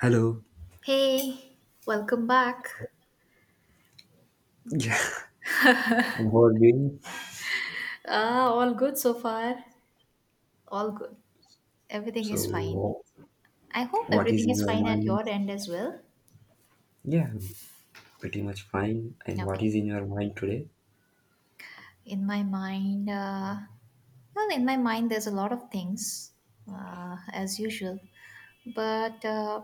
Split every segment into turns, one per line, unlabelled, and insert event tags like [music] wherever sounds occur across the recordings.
Hello.
Hey, welcome back.
Yeah, and how are you doing?
Ah, all good so far. All good. Everything is
so
fine. I hope
what is
everything
in
is
your
fine at
mind?
your end as well.
Yeah, Pretty much fine. And what
Okay.
is in your mind today?
In my mind, well, in my mind, there's a lot of things as usual. But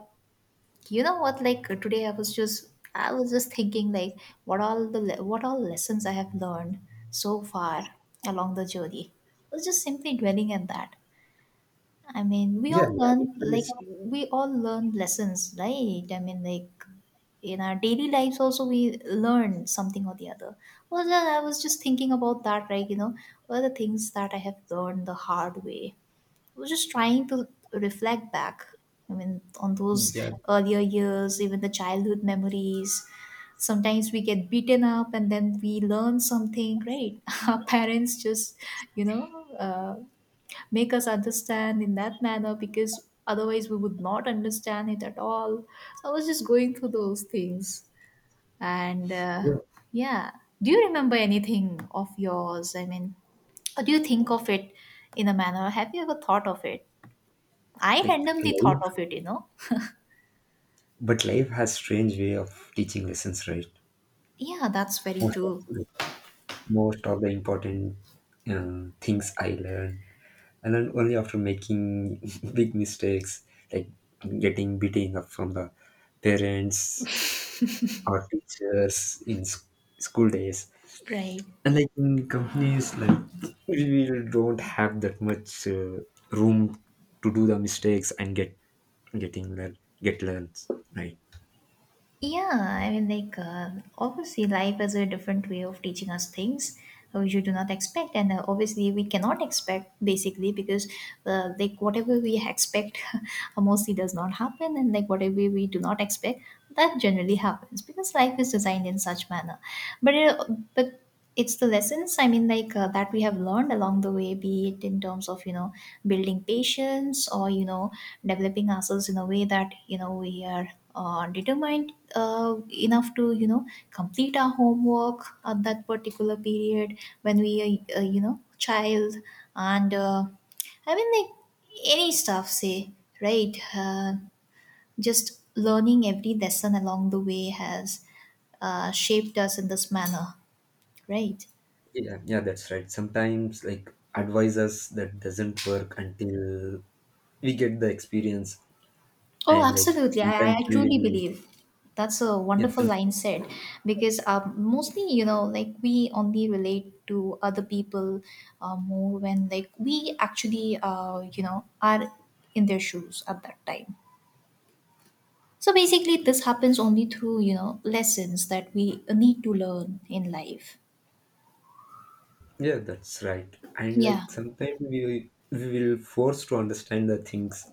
you know what? Like today, I was just thinking like what all lessons I have learned so far along the journey. I was just simply dwelling on that. I mean, we
Yeah,
all
life
learn like
is,
we all learn lessons, right? I mean, like in our daily lives also we learn something or the other. Well, then I was just thinking about that, like what are the things that I have learned the hard way? I was just trying to reflect back. I mean, on those
yeah,
earlier years, even the childhood memories. Sometimes we get beaten up and then we learn something, right? [laughs] Our parents just, you know, uh, make us understand in that manner because otherwise we would not understand it at all. So I was just going through those things. And
yeah,
yeah, do you remember anything of yours? I mean, or do you think of it in a manner? Have you ever thought of it? I
like
randomly thought
life,
of it, you know?
But life has strange way of teaching lessons, right?
Yeah, that's very
Most of,
true.
like, Most of the important things I learn only after making [laughs] big mistakes, like getting beating up from the parents or teachers in school days.
Right.
And like in companies, like we don't have that much room to do the mistakes and get learns, right.
Yeah, I mean, like, obviously, life is a different way of teaching us things which we do not expect, and obviously, we cannot expect basically because, like, whatever we expect [laughs] mostly does not happen, and like, whatever we do not expect, that generally happens because life is designed in such manner. But, uh, but it's the lessons, I mean, like, that we have learned along the way, be it in terms of, you know, building patience, or you know developing ourselves in a way that you know we are determined enough to you know complete our homework at that particular period when we are you know child, and I mean, like any stuff say, right? Just learning every lesson along the way has shaped us in this manner, right?
Yeah, yeah, that's right. Sometimes like advisors that doesn't work until we get the experience,
Oh,
and like
absolutely. I,
sometimes
I
we
truly
will
believe that's a
yeah
wonderful
some,
line said, because mostly, you know, like we only relate to other people more when, like, we actually, you know, are in their shoes at that time. So basically, this happens only through, you know, lessons that we need to learn in life.
yeah, that's right. And
Yeah.
like sometimes we will force to understand the things.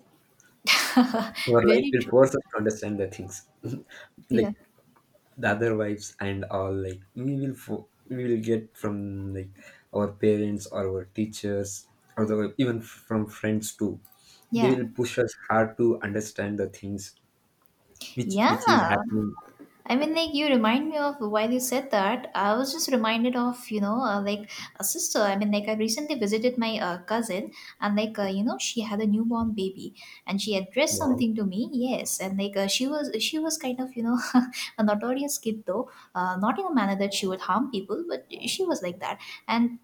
Our
[laughs]
life
Very
will
true.
force us to understand the things.
Yeah.
Like the other vibes and all, like we will we will get from like our parents or our teachers or the, even from friends too, they
Yeah.
will push us hard to understand the things which is
Yeah.
happening.
I mean, like, you remind me of, while you said that, I was just reminded of you know like a sister. I mean, like, I recently visited my cousin, and like you know she had a newborn baby, and she addressed
Wow.
something to me. Yes, and like she was kind of, you know, [laughs] a notorious kid though, not in a manner that she would harm people, but she was like that. And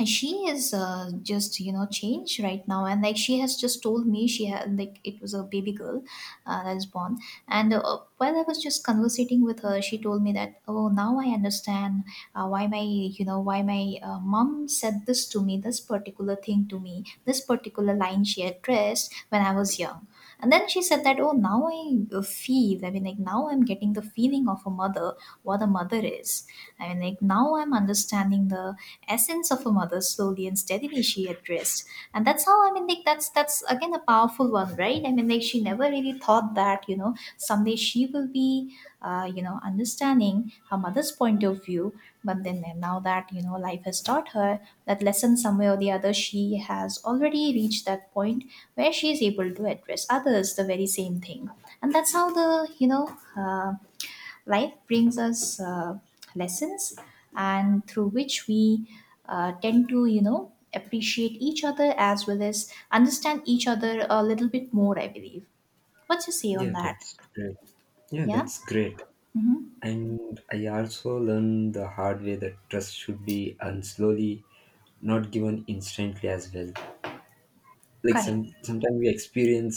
and she is just, you know, changed right now, and like she has just told me, she had, like, it was a baby girl that is born, and while I was just conversating with her, she told me that, oh, now I understand why my, you know, why my mom said this to me, this particular thing to me, this particular line she addressed when I was young. And then she said that, oh, now I feel, I mean, like, now I'm getting the feeling of a mother, what a mother is. I mean, like, now I'm understanding the essence of a mother slowly and steadily, she addressed. And that's how, I mean, like, that's again a powerful one, right? I mean, like, she never really thought that, you know, someday she will be, you know, understanding her mother's point of view. But then now that, you know, life has taught her that lesson somewhere or the other, she has already reached that point where she is able to address others the very same thing. And that's how the, you know, uh, life brings us lessons, and through which we tend to, you know, appreciate each other as well as understand each other a little bit more, I believe. What's your say on
Yeah,
that?
that's great. Yeah,
Yeah,
that's great. And I also learned the hard way that trust should be earned slowly, not given instantly as well. Like
correct,
sometimes we experience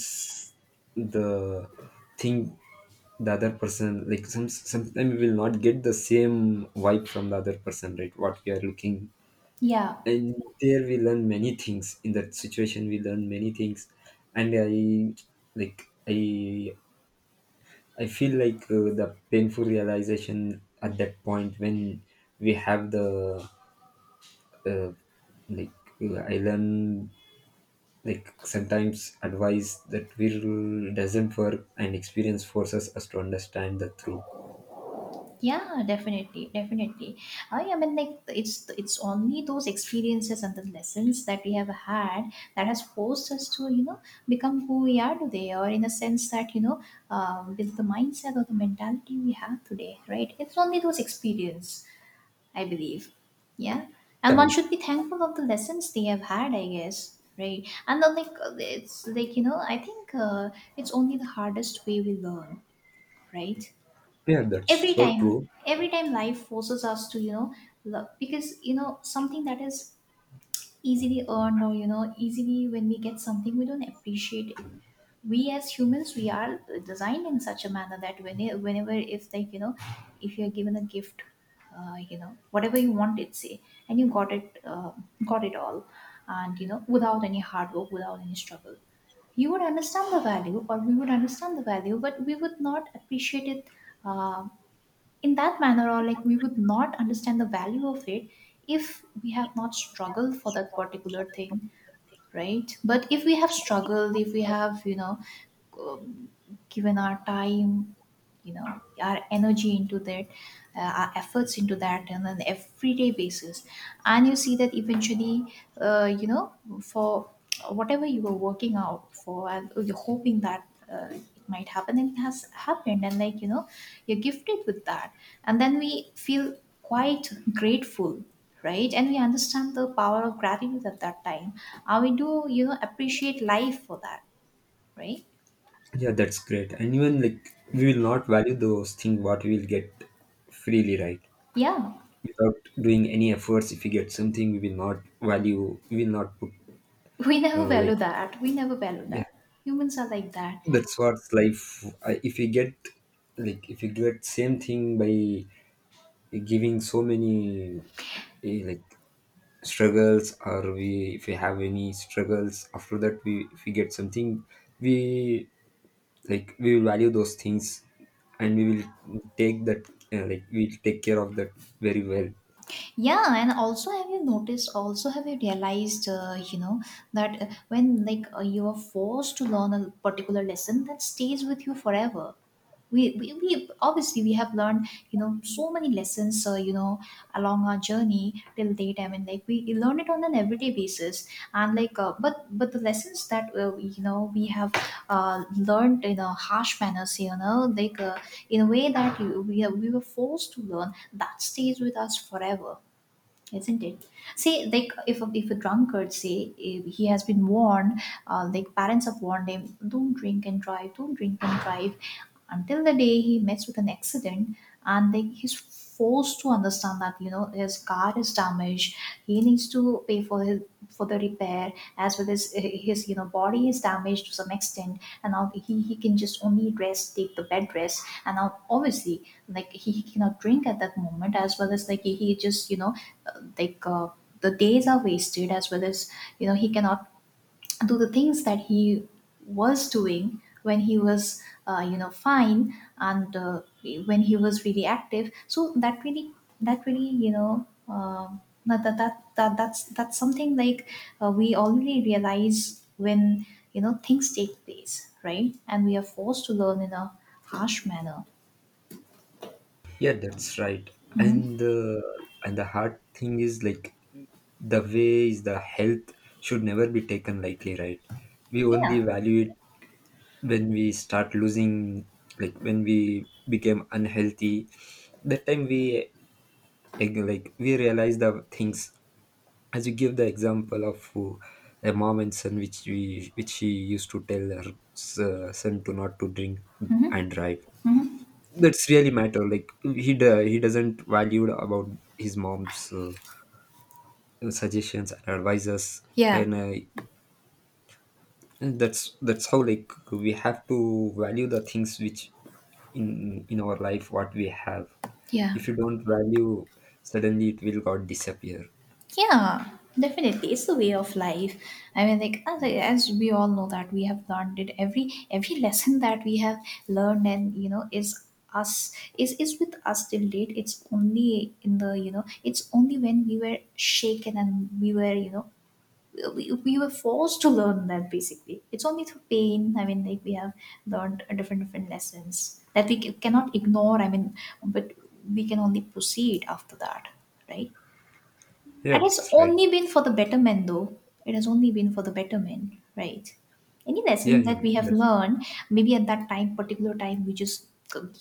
the thing, the other person, like sometimes we will not get the same vibe from the other person, right, what we are looking.
yeah.
And there we learn many things. In that situation we learn many things. And like i I feel like the painful realization at that point when we have the uh, like I learn like sometimes advice that will doesn't work and experience forces us to understand the truth.
Yeah, definitely, definitely. I mean, like, it's only those experiences and the lessons that we have had that has forced us to, you know, become who we are today, or in a sense that, you know, with the mindset or the mentality we have today, right? It's only those experience, I believe. Yeah, and
Yeah,
one should be thankful of the lessons they have had, I guess, right? And then like it's like, you know, I think it's only the hardest way we learn, right?
yeah, that's
Every
so
time,
true.
every time life forces us to, you know, love, because, you know, something that is easily earned, or, you know, easily when we get something, we don't appreciate it. We as humans, we are designed in such a manner that when, whenever, if, like, you know, if you're given a gift, you know, whatever you wanted, say, and you got it all, and, you know, without any hard work, without any struggle, you would understand the value, or we would understand the value, but we would not appreciate it uh, in that manner, or like, we would not understand the value of it if we have not struggled for that particular thing, right? But if we have struggled, if we have, you know, um, given our time, you know, our energy into that, our efforts into that on an everyday basis, and you see that eventually, you know, for whatever you were working out for, and you're hoping that it might happen, and it has happened, and, like, you know, you're gifted with that, and then we feel quite grateful, right? And we understand the power of gratitude at that time, and we do, you know, appreciate life for that, right?
Yeah, that's great. And even like we will not value those things what we will get freely, right?
Yeah.
Without doing any efforts, if we get something we will not value, we will not put
We never
like,
value that. We never value
yeah,
that. Humans are like that.
that's what's life. I, if we get, like if you get same thing by giving so many like struggles, or we, if we have any struggles, after that we, if we get something, we, like we will value those things, and we will take that, like we'll take care of that very well.
Yeah, and also have you noticed, also have you realized, you know, that when, like, you are forced to learn a particular lesson, that stays with you forever. We obviously, we have learned, you know, so many lessons you know, along our journey till date. I mean, like, we learn it on an everyday basis. And, like, but the lessons that you know we have learned in a harsh manner, so, you know, like, in a way that you, we, we were forced to learn, that stays with us forever, isn't it? See, like, if a drunkard, say, if he has been warned, like, parents have warned him, don't drink and drive, don't drink and drive, until the day he meets with an accident. And, like, he's forced to understand that, you know, his car is damaged, he needs to pay for his, for the repair, as well as his, you know, body is damaged to some extent. And now he can just only rest, take the bed rest. And now, obviously, like, he cannot drink at that moment, as well as, like, he just, you know, like, the days are wasted, as well as, you know, he cannot do the things that he was doing when he was you know fine. And when he was really active, so that really, that really, you know, that's something, like, we already realize when, you know, things take place, right? And we are forced to learn in a harsh manner.
Yeah, that's right. and
Hmm.
the and the hard thing is like the way is the health should never be taken lightly, right? We only
Yeah.
value it when we start losing, like when we became unhealthy, that time we like we realize the things, as you give the example of a mom and son, which we, which she used to tell her son to not to drink
Hmm.
and drive.
Hmm.
That's really matter, like he he doesn't value about his mom's suggestions and advices.
Yeah.
And that's how like we have to value the things which in our life, what we have.
Yeah.
If you don't value, suddenly it will got disappear.
Yeah, definitely. It's the way of life. I mean, like, as we all know that we have learned it. Every lesson that we have learned, and, you know, us is with us till date. It's only in the you know it's only when we were shaken, and we were, we were forced to learn that, basically. It's only through pain. I mean, like, we have learned a different different lessons that we cannot ignore. I mean, but we can only proceed after that, right?
Yeah,
And it's
that's right.
only been for the betterment, though. It has only been for the betterment, right? Any
Yeah,
lessons that we have learned, maybe at that time, particular time, we just,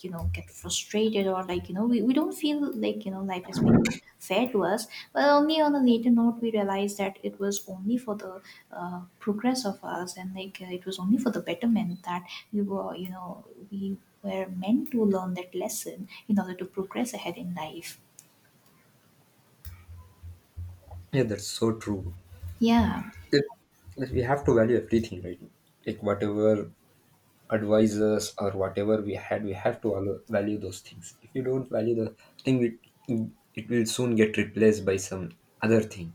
you know, get frustrated, or, like, you know, we don't feel like, you know, life has been fair to us. But only on a later note, we realize that it was only for the progress of us and like it was only for the betterment that we were, we were meant to learn that lesson in order to progress ahead in life.
yeah, that's so true.
Yeah.
It, like, we have to value everything, right? Like whatever advisors or whatever we had, we have to value those things. If you don't value the thing, it will soon get replaced by some other thing,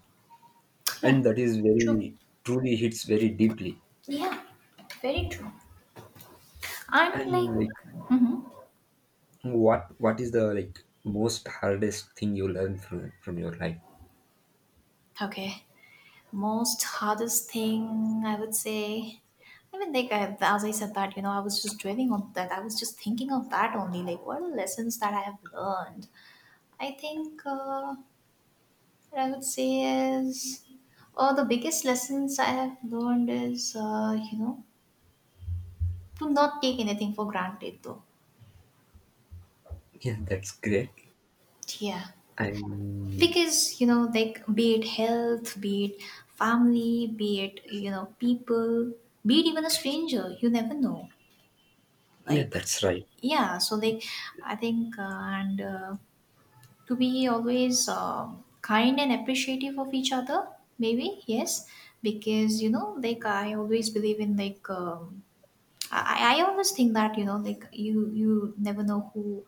Yeah.
and that is
True.
very truly hits very deeply.
Yeah, very true. And like,
And like,
mhm.
what is the like most hardest thing you learn from your life?
Okay, most hardest thing I would say. I mean, like, as I said that, I was just dwelling on that. I was just thinking of that only. Like, what are the lessons that I have learned? I think what I would say is, or the biggest lessons I have learned is, to not take anything for granted, though.
Yeah, that's great.
Yeah,
And
because like be it health, be it family, be it people, be it even a stranger, you never know.
yeah,
Like,
that's right.
yeah, so like I think and to be always kind and appreciative of each other, maybe yes. Because like I always believe in like I always think that like you never know who,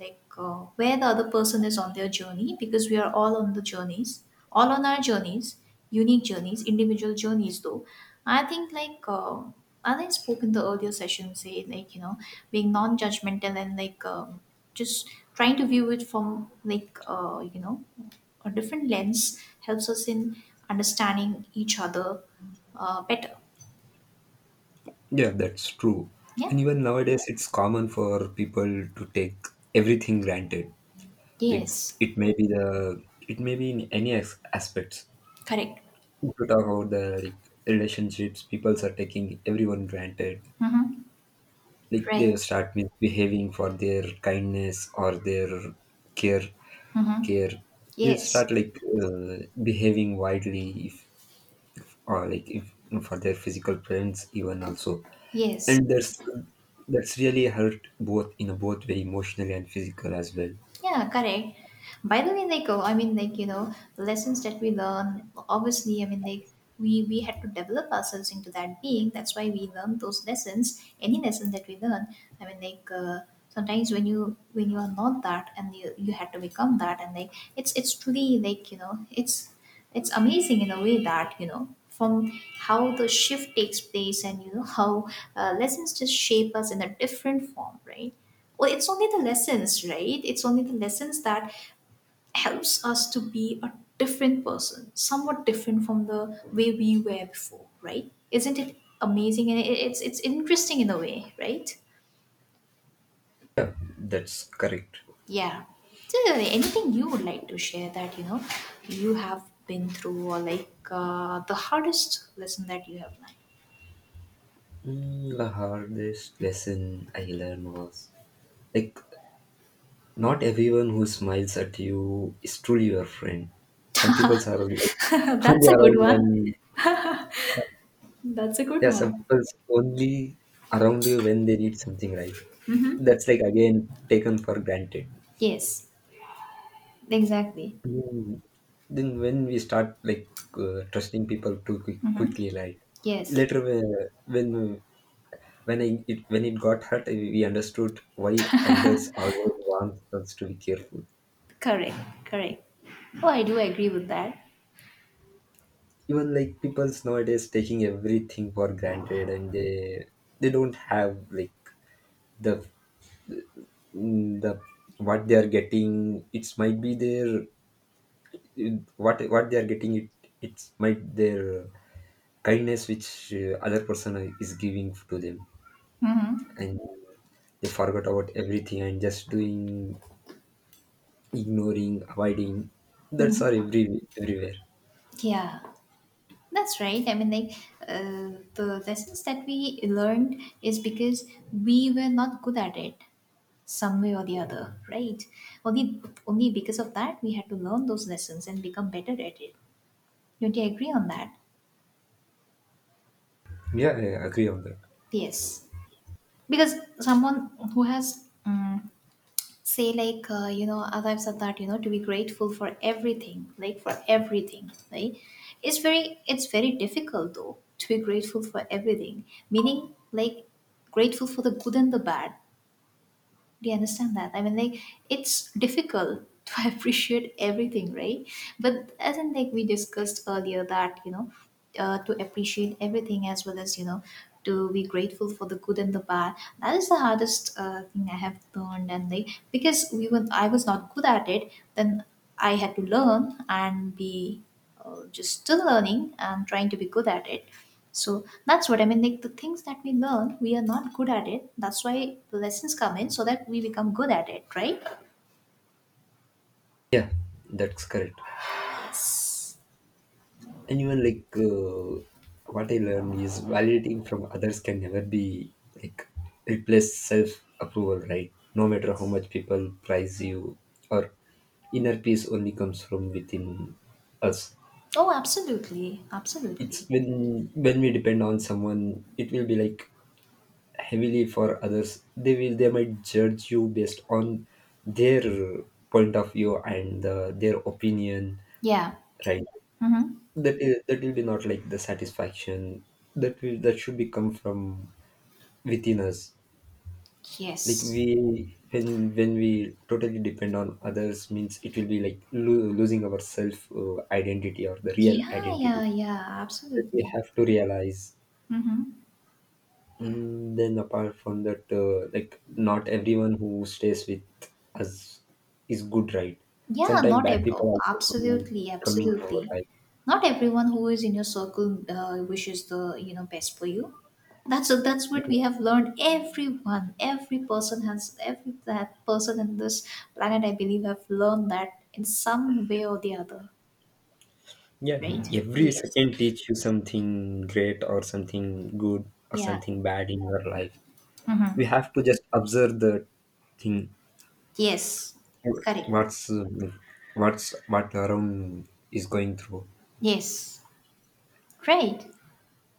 like where the other person is on their journey, because we are all on the journeys, all on our journeys, unique journeys, individual journeys though. I think like as I spoke in the earlier session, say, like, being non-judgmental, and like just trying to view it from like a different lens helps us in understanding each other better.
Yeah, that's true.
Yeah.
And even nowadays, it's common for people to take everything granted. Like
Yes.
it may be the, it may be in any aspects.
Correct.
If you talk about the, like, relationships, people are taking everyone granted.
Mm-hmm.
Like
Right.
they start misbehaving for their kindness or their care
Mm-hmm.
care, you
Yes.
start like behaving widely if, or like if, for their physical presence even also,
Yes.
and that's really hurt both in both way, emotionally and physical as well.
Yeah, correct. By the way, like, oh, I mean, like, the lessons that we learn, obviously, I mean, like, we had to develop ourselves into that being. That's why we learn those lessons. Any lesson that we learn, I mean, like, sometimes when you are not that and you had to become that, and like it's truly, like, it's amazing in a way, that from how the shift takes place, and how lessons just shape us in a different form, right? Well, it's only the lessons, right? It's only the lessons that helps us to be a different person, somewhat different from the way we were before, right? Isn't it amazing? And it's interesting in a way, right?
That's correct.
Yeah. So, anything you would like to share that you have been through, or like the hardest lesson that you have
The hardest lesson I learned was like not everyone who smiles at you is truly your friend. Some people are like
learned? [laughs]
[laughs] only
That's a
around
good one.
when,
That's a good
yeah, some
one.
people only around you when they need something, right? That's like again taken for granted.
Yes, exactly.
Mm. Then when we start like trusting people too
Hmm.
quickly, like
Yes,
later when when I, it when it got hurt, we understood why elders always want us to be careful.
correct, correct. Oh, I do agree with that.
Even like people's nowadays taking everything for granted, and they don't have like the mm, the what they are getting. It's might be their what they are getting. It's might their kindness which other person is giving to them, and they forgot about everything and just doing, ignoring, avoiding. That's are everywhere.
Yeah. That's right. I mean, like, the lessons that we learned is because we were not good at it, some way or the other, right? Only, only because of that we had to learn those lessons and become better at it. Don't you agree on that?
Yeah, yeah, I agree on that.
Yes, because someone who has say, like, as I've said that, to be grateful for everything, like, for everything, right? It's very difficult though to be grateful for everything, meaning like grateful for the good and the bad. Do you understand that? I mean, like, it's difficult [laughs] to appreciate everything, right? But as in, like, we discussed earlier that, to appreciate everything, as well as, to be grateful for the good and the bad. That is the hardest thing I have learned. And, like, because I was not good at it, then I had to learn and be just still learning and trying to be good at it. So that's what I mean. Like the things that we learn, we are not good at it. That's why the lessons come in, so that we become good at it, right?
Yeah, that's correct. And even like what I learned is validating from others can never be like replace self approval, right? No matter how much people prize you, or inner peace only comes from within us.
Oh, absolutely,
It's
absolutely.
when we depend on someone, it will be like heavily for others. They will, they might judge you based on their point of view and their opinion,
Yeah.
right?
Mm-hmm.
That will be not like the satisfaction that will, that should be come from within us. Like we,
Yes.
when we totally depend on others means it will be like losing our self identity or the real
Yeah, yeah,
identity,
yeah.
that we
Absolutely.
have to realize.
Mm-hmm.
Mm, then apart from that, like not everyone who stays with us is good, right?
Yeah,
Sometimes
not
bad
ev-
people
oh,
also
absolutely,
come in our
absolutely.
life.
Not everyone who is in your circle wishes the best for you. That's what we have learned. Every person has every that person in this planet, I believe, have learned that in some way or the other.
Yeah,
Right?
every
Yes.
second teach you something great or something good or
Yeah.
something bad in your life. We
Mm-hmm.
have to just observe the thing.
Yes. Correct.
What's uh, what's what around is going through.
Yes. Great.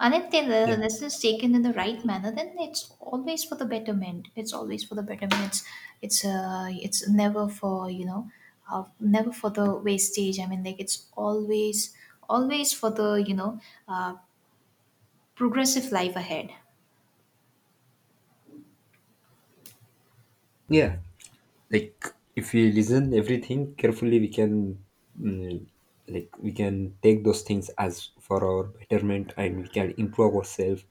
And if the
Yeah,
lesson is taken in the right manner, then it's always for the betterment. It's always for the betterment. It's never for, the wastage. I mean, like, it's always for the, uh, progressive life ahead.
yeah. Like if we listen everything carefully, we can mm, like we can take those things as for our betterment, and we can improve ourselves,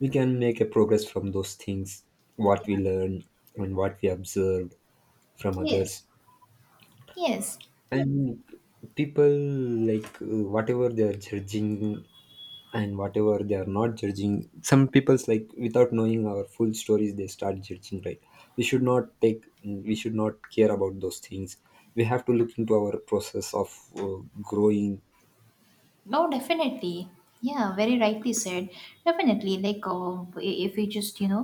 we can make a progress from those things what we
Yeah.
learn and what we observed from
Yes.
others.
Yes.
And people, like whatever they are judging and whatever they are not judging, some people's like without knowing our full stories, they start judging, right? We should not take, we should not care about those things. We have to look into our process of growing.
No, definitely. Yeah, very rightly said. Definitely. Like, I- if we just, you know,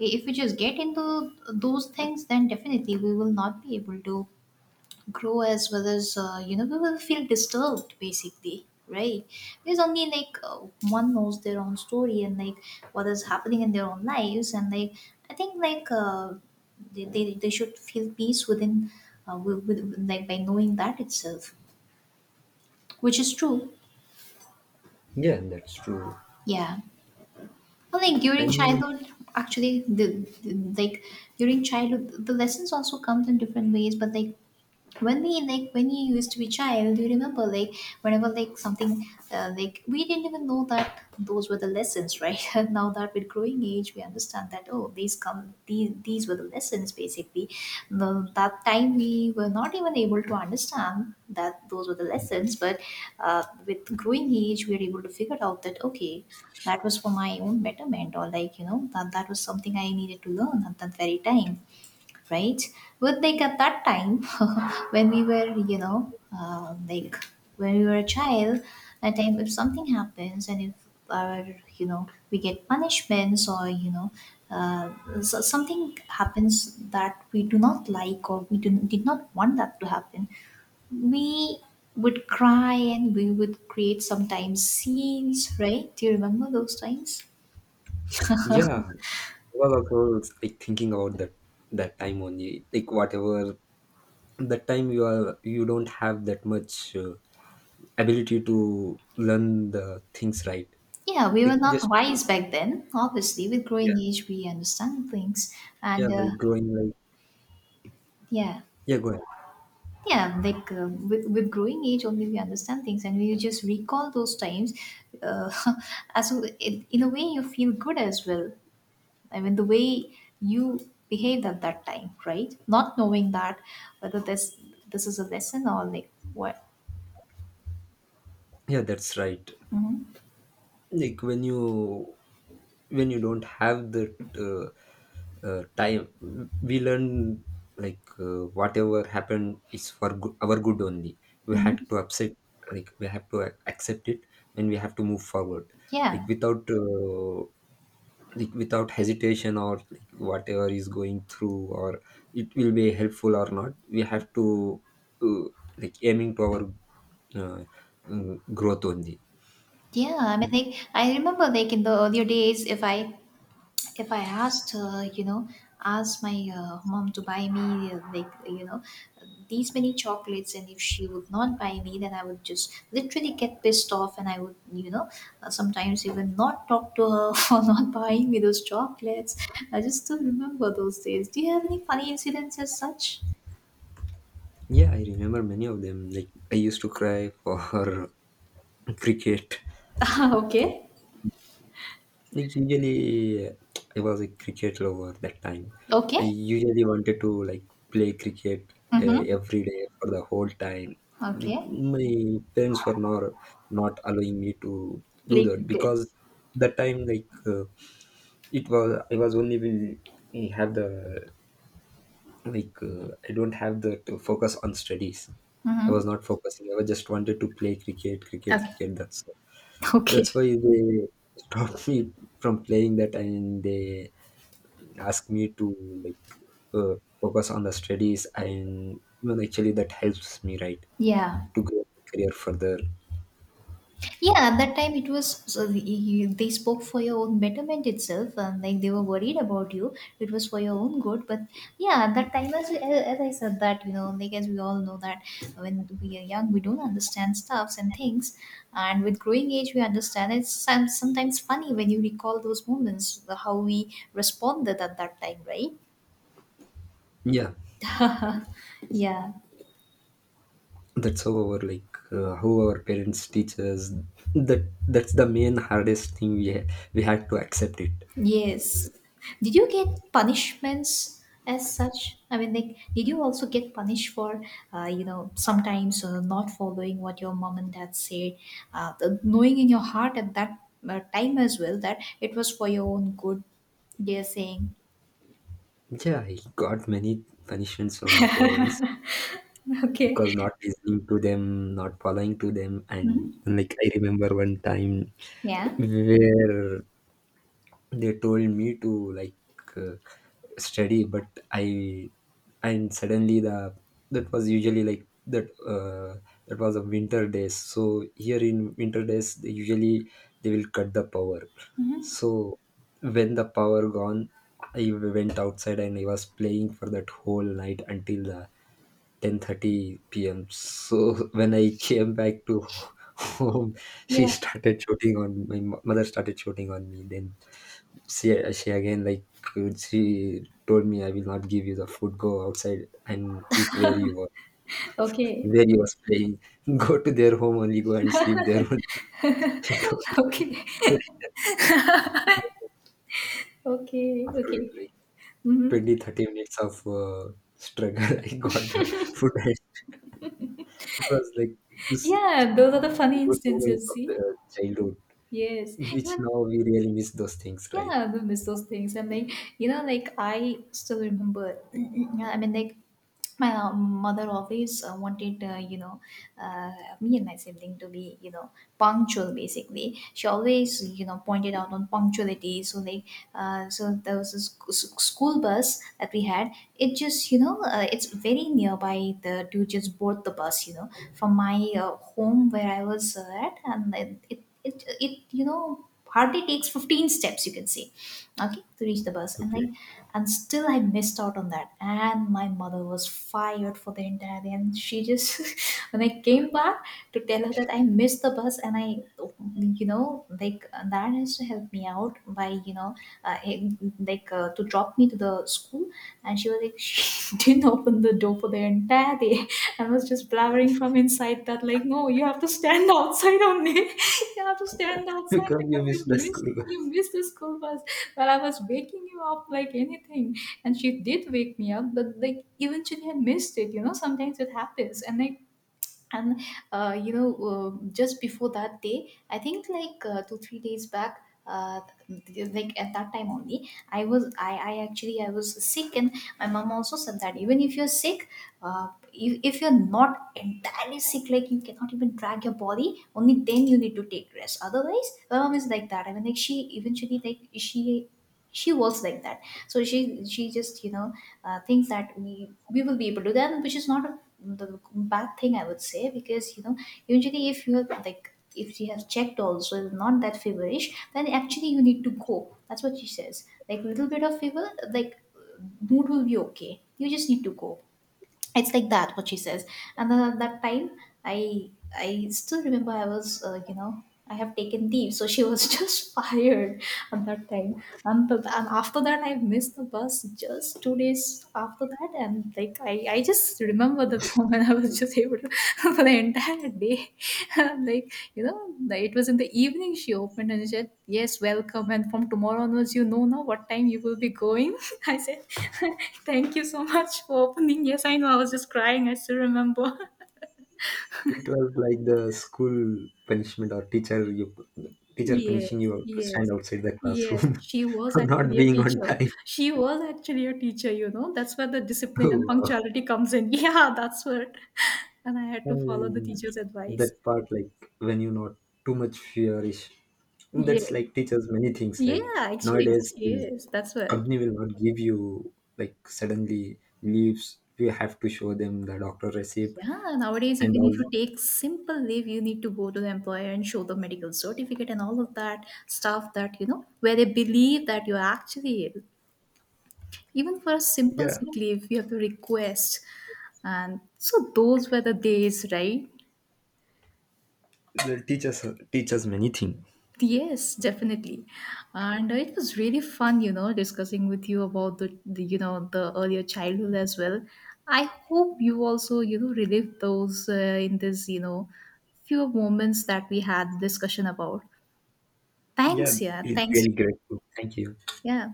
I- if we just get into those things, then definitely we will not be able to grow, as well as we will feel disturbed basically, right? Because only like one knows their own story, and like what is happening in their own lives, and like I think like they should feel peace within, with, like, by knowing that itself, which is true.
Yeah, that's true.
Yeah. Well, like during
And
childhood, actually the, the like the lessons also comes in different ways, but like when we like when you used to be child, you remember, like, whenever like something, like we didn't even know that those were the lessons, right. [laughs] And now that with growing age we understand that, oh, these were the lessons basically. That time we were not even able to understand that those were the lessons, but with growing age we are able to figure out that, okay, that was for my own betterment, or like, that was something I needed to learn at that very time, right? But like at that time, [laughs] when we were, you know, like when we were a child, that time, if something happens, and if our, we get punishments, or uh, so something happens that we do not like, or did not want that to happen, we would cry and we would create sometimes scenes, right? Do you remember those times?
yeah, I was also like thinking about that that time only. Like whatever that time you are, you don't have that much ability to learn the things, right?
Yeah, we were
Like
not
just
wise back then. Obviously, with
Yeah,
growing age, we understand things,
yeah,
and
like growing like,
yeah,
yeah, go ahead.
yeah, like with growing age, only we understand things, and we just recall those times. Uh, [laughs] as in a way, you feel good as well. I mean, the way you behaved at that time, right? Not knowing that whether this is a lesson or like what.
Yeah, that's right. Like when you don't have the uh, time, we learn like whatever happened is for our good only. We had
Mhm.
to upset, like we have to accept it, and we have to move forward. Like
Yeah.
without uh, like without hesitation, or like whatever is going through, or it will be helpful or not, we have to uh, like aiming to our uh, growth only.
Yeah, I mean,
Mm,
like I remember, like in the earlier days, if I asked, asked my mom to buy me, like, these many chocolates, and if she would not buy me, then I would just literally get pissed off, and I would, sometimes even not talk to her [laughs] for not buying me those chocolates. I just still remember those days. Do you have any funny incidents as such?
yeah, I remember many of them. Like I used to cry for [laughs] cricket.
[laughs] Okay,
Like usually, I was a cricket lover that time. I
okay,
usually wanted to like play cricket
mm-hmm.
every day for the whole time. Like
Okay.
my parents were not allowing me to do
Play
that,
cricket.
because that time like it was I was only will have the like I don't have the to focus on studies. I
Mm-hmm.
was not focusing. I was just wanted to play cricket, cricket,
Okay,
cricket.
[laughs] okay.
That's why they [laughs] stopped me from playing that, and they ask me to like focus on the studies, and even actually that helps me, right,
Yeah.
to grow my career further.
Yeah, at that time it was so they spoke for your own betterment itself. Like they were worried about you. It was for your own good. But yeah, at that time, as I said that, like as we all know that when we are young, we don't understand stuffs and things. And with growing age, we understand. It's sometimes funny when you recall those moments, how we responded at that time, right?
Yeah,
[laughs] Yeah.
that's how our, like how our parents teach us, that that's the main hardest thing we we had to accept it.
Yes. Did you get punishments as such? I mean, like, did you also get punished for, sometimes not following what your mom and dad said, knowing in your heart at that time as well that it was for your own good? They're saying,
Yeah, I got many punishments from my parents,
[laughs] okay,
because not listening to them, not following to them. And
mhm,
even, like I remember one time
yeah,
where they told me to like uh, study, but I and suddenly the, that was usually like that, that was a winter days, so here in winter days they usually, they will cut the power. So when the power gone, I went outside and I was playing for that whole night until the 10:30 p.m. So [laughs] when I came back to [laughs] home, she
yeah,
started shooting on my mother started shooting on me. Then she again, like she told me, I will not give you the food, go outside and eat where you were,
okay,
where you was playing. [laughs] Go to their home only, go and sleep there only, [laughs] she told
[laughs]
me.
okay,
[laughs]
okay,
After
okay.
like
Hmm.
20 30 minutes of struggle, [laughs] I got the food. [laughs] It was like this,
Yeah, those are the funny
good moments
instances.
of
See,
the childhood
yes,
which
even.
now we really miss those things, right?
Yeah, we miss those things. And like, like, I still remember, [clears throat] yeah, I mean, like, my mother always wanted, uh, me and my sibling to be, punctual basically. She always, pointed out on punctuality. So, like, so there was this school bus that we had. It just, it's very nearby to just board the bus, from my home where I was at, and then it hardly takes 15 steps you can say, okay, to reach the bus, and
Okay.
like, and still I missed out on that, and my mother was fired for the entire day, and she just [laughs] when I came back to tell her that I missed the bus, and I, like, that has to help me out by, uh, eh, like, to drop me to the school, and she was like [laughs] she didn't open the door for the entire day. I was just blabbering from inside that, like, no, you have to stand outside only. [laughs] You have to stand
[laughs]
outside
Because
because
you miss
you
the
missed
school.
you missed the school bus. But I was waking you up like anything. And she did wake me up, but like eventually I missed it, sometimes it happens. And uh, you know just before that day I think like, 2 or 3 days back, like, at that time only, I was I actually I was sick, and my mom also said that even if you're sick, if you're not entirely sick, like you cannot even drag your body, only then you need to take rest. Otherwise my mom is like that. I mean, like, she eventually, like, she was like that. So she just, thinks that we will be able to do that, which is not the bad thing I would say. Because usually, if you have checked also, is not that feverish, then actually you need to go. That's what she says. Like, little bit of fever, like, mood will be okay, you just need to go. It's like that, what she says. And then at that time, i I still remember, I was you know I have taken leave, so she was [laughs] just fired at that time. And after that I missed the bus just 2 days after that, and like, I just remember, the [laughs] when I was just able to [laughs] for the entire day. [laughs] I'm like, it was in the evening she opened and she said, yes, welcome. And from tomorrow onwards, now, what time you will be going. [laughs] I said, [laughs] thank you so much for opening. Yes, I know. I was just crying. I still remember. [laughs]
It was like the school punishment, or teacher you teacher
Yes,
punishing you to
yes.
stand outside the
Yes,
classroom
she
[laughs]
was
for not
actually a
being on
teacher.
time. [laughs]
She was actually a teacher. That's where the discipline
Oh,
and
wow.
punctuality comes in. [laughs] Yeah, that's what. [laughs] And I had
I
to follow the
mean,
teacher's advice.
that part like when you not too much fearish. That's
Yes.
like teachers many things. Like
Yeah, actually,
nowadays
she
the
is. That's what.
company will not give you like suddenly leaves. You have to show them the doctor receipt
Yeah, nowadays,
and
even
all.
if you take simple leave, you need to go to the employer and show the medical certificate and all of that stuff, that, where they believe that you're actually ill. Even for a simple
Yeah,
sick leave, you have to request. And so those were the days, right?
the teachers, teachers many things.
Yes, definitely. And it was really fun, discussing with you about the earlier childhood as well. I hope you also, relive those, in this, few moments that we had discussion about.
Yeah,
Thanks, yeah.
it's
Thanks.
really grateful. Thank you.
Yeah.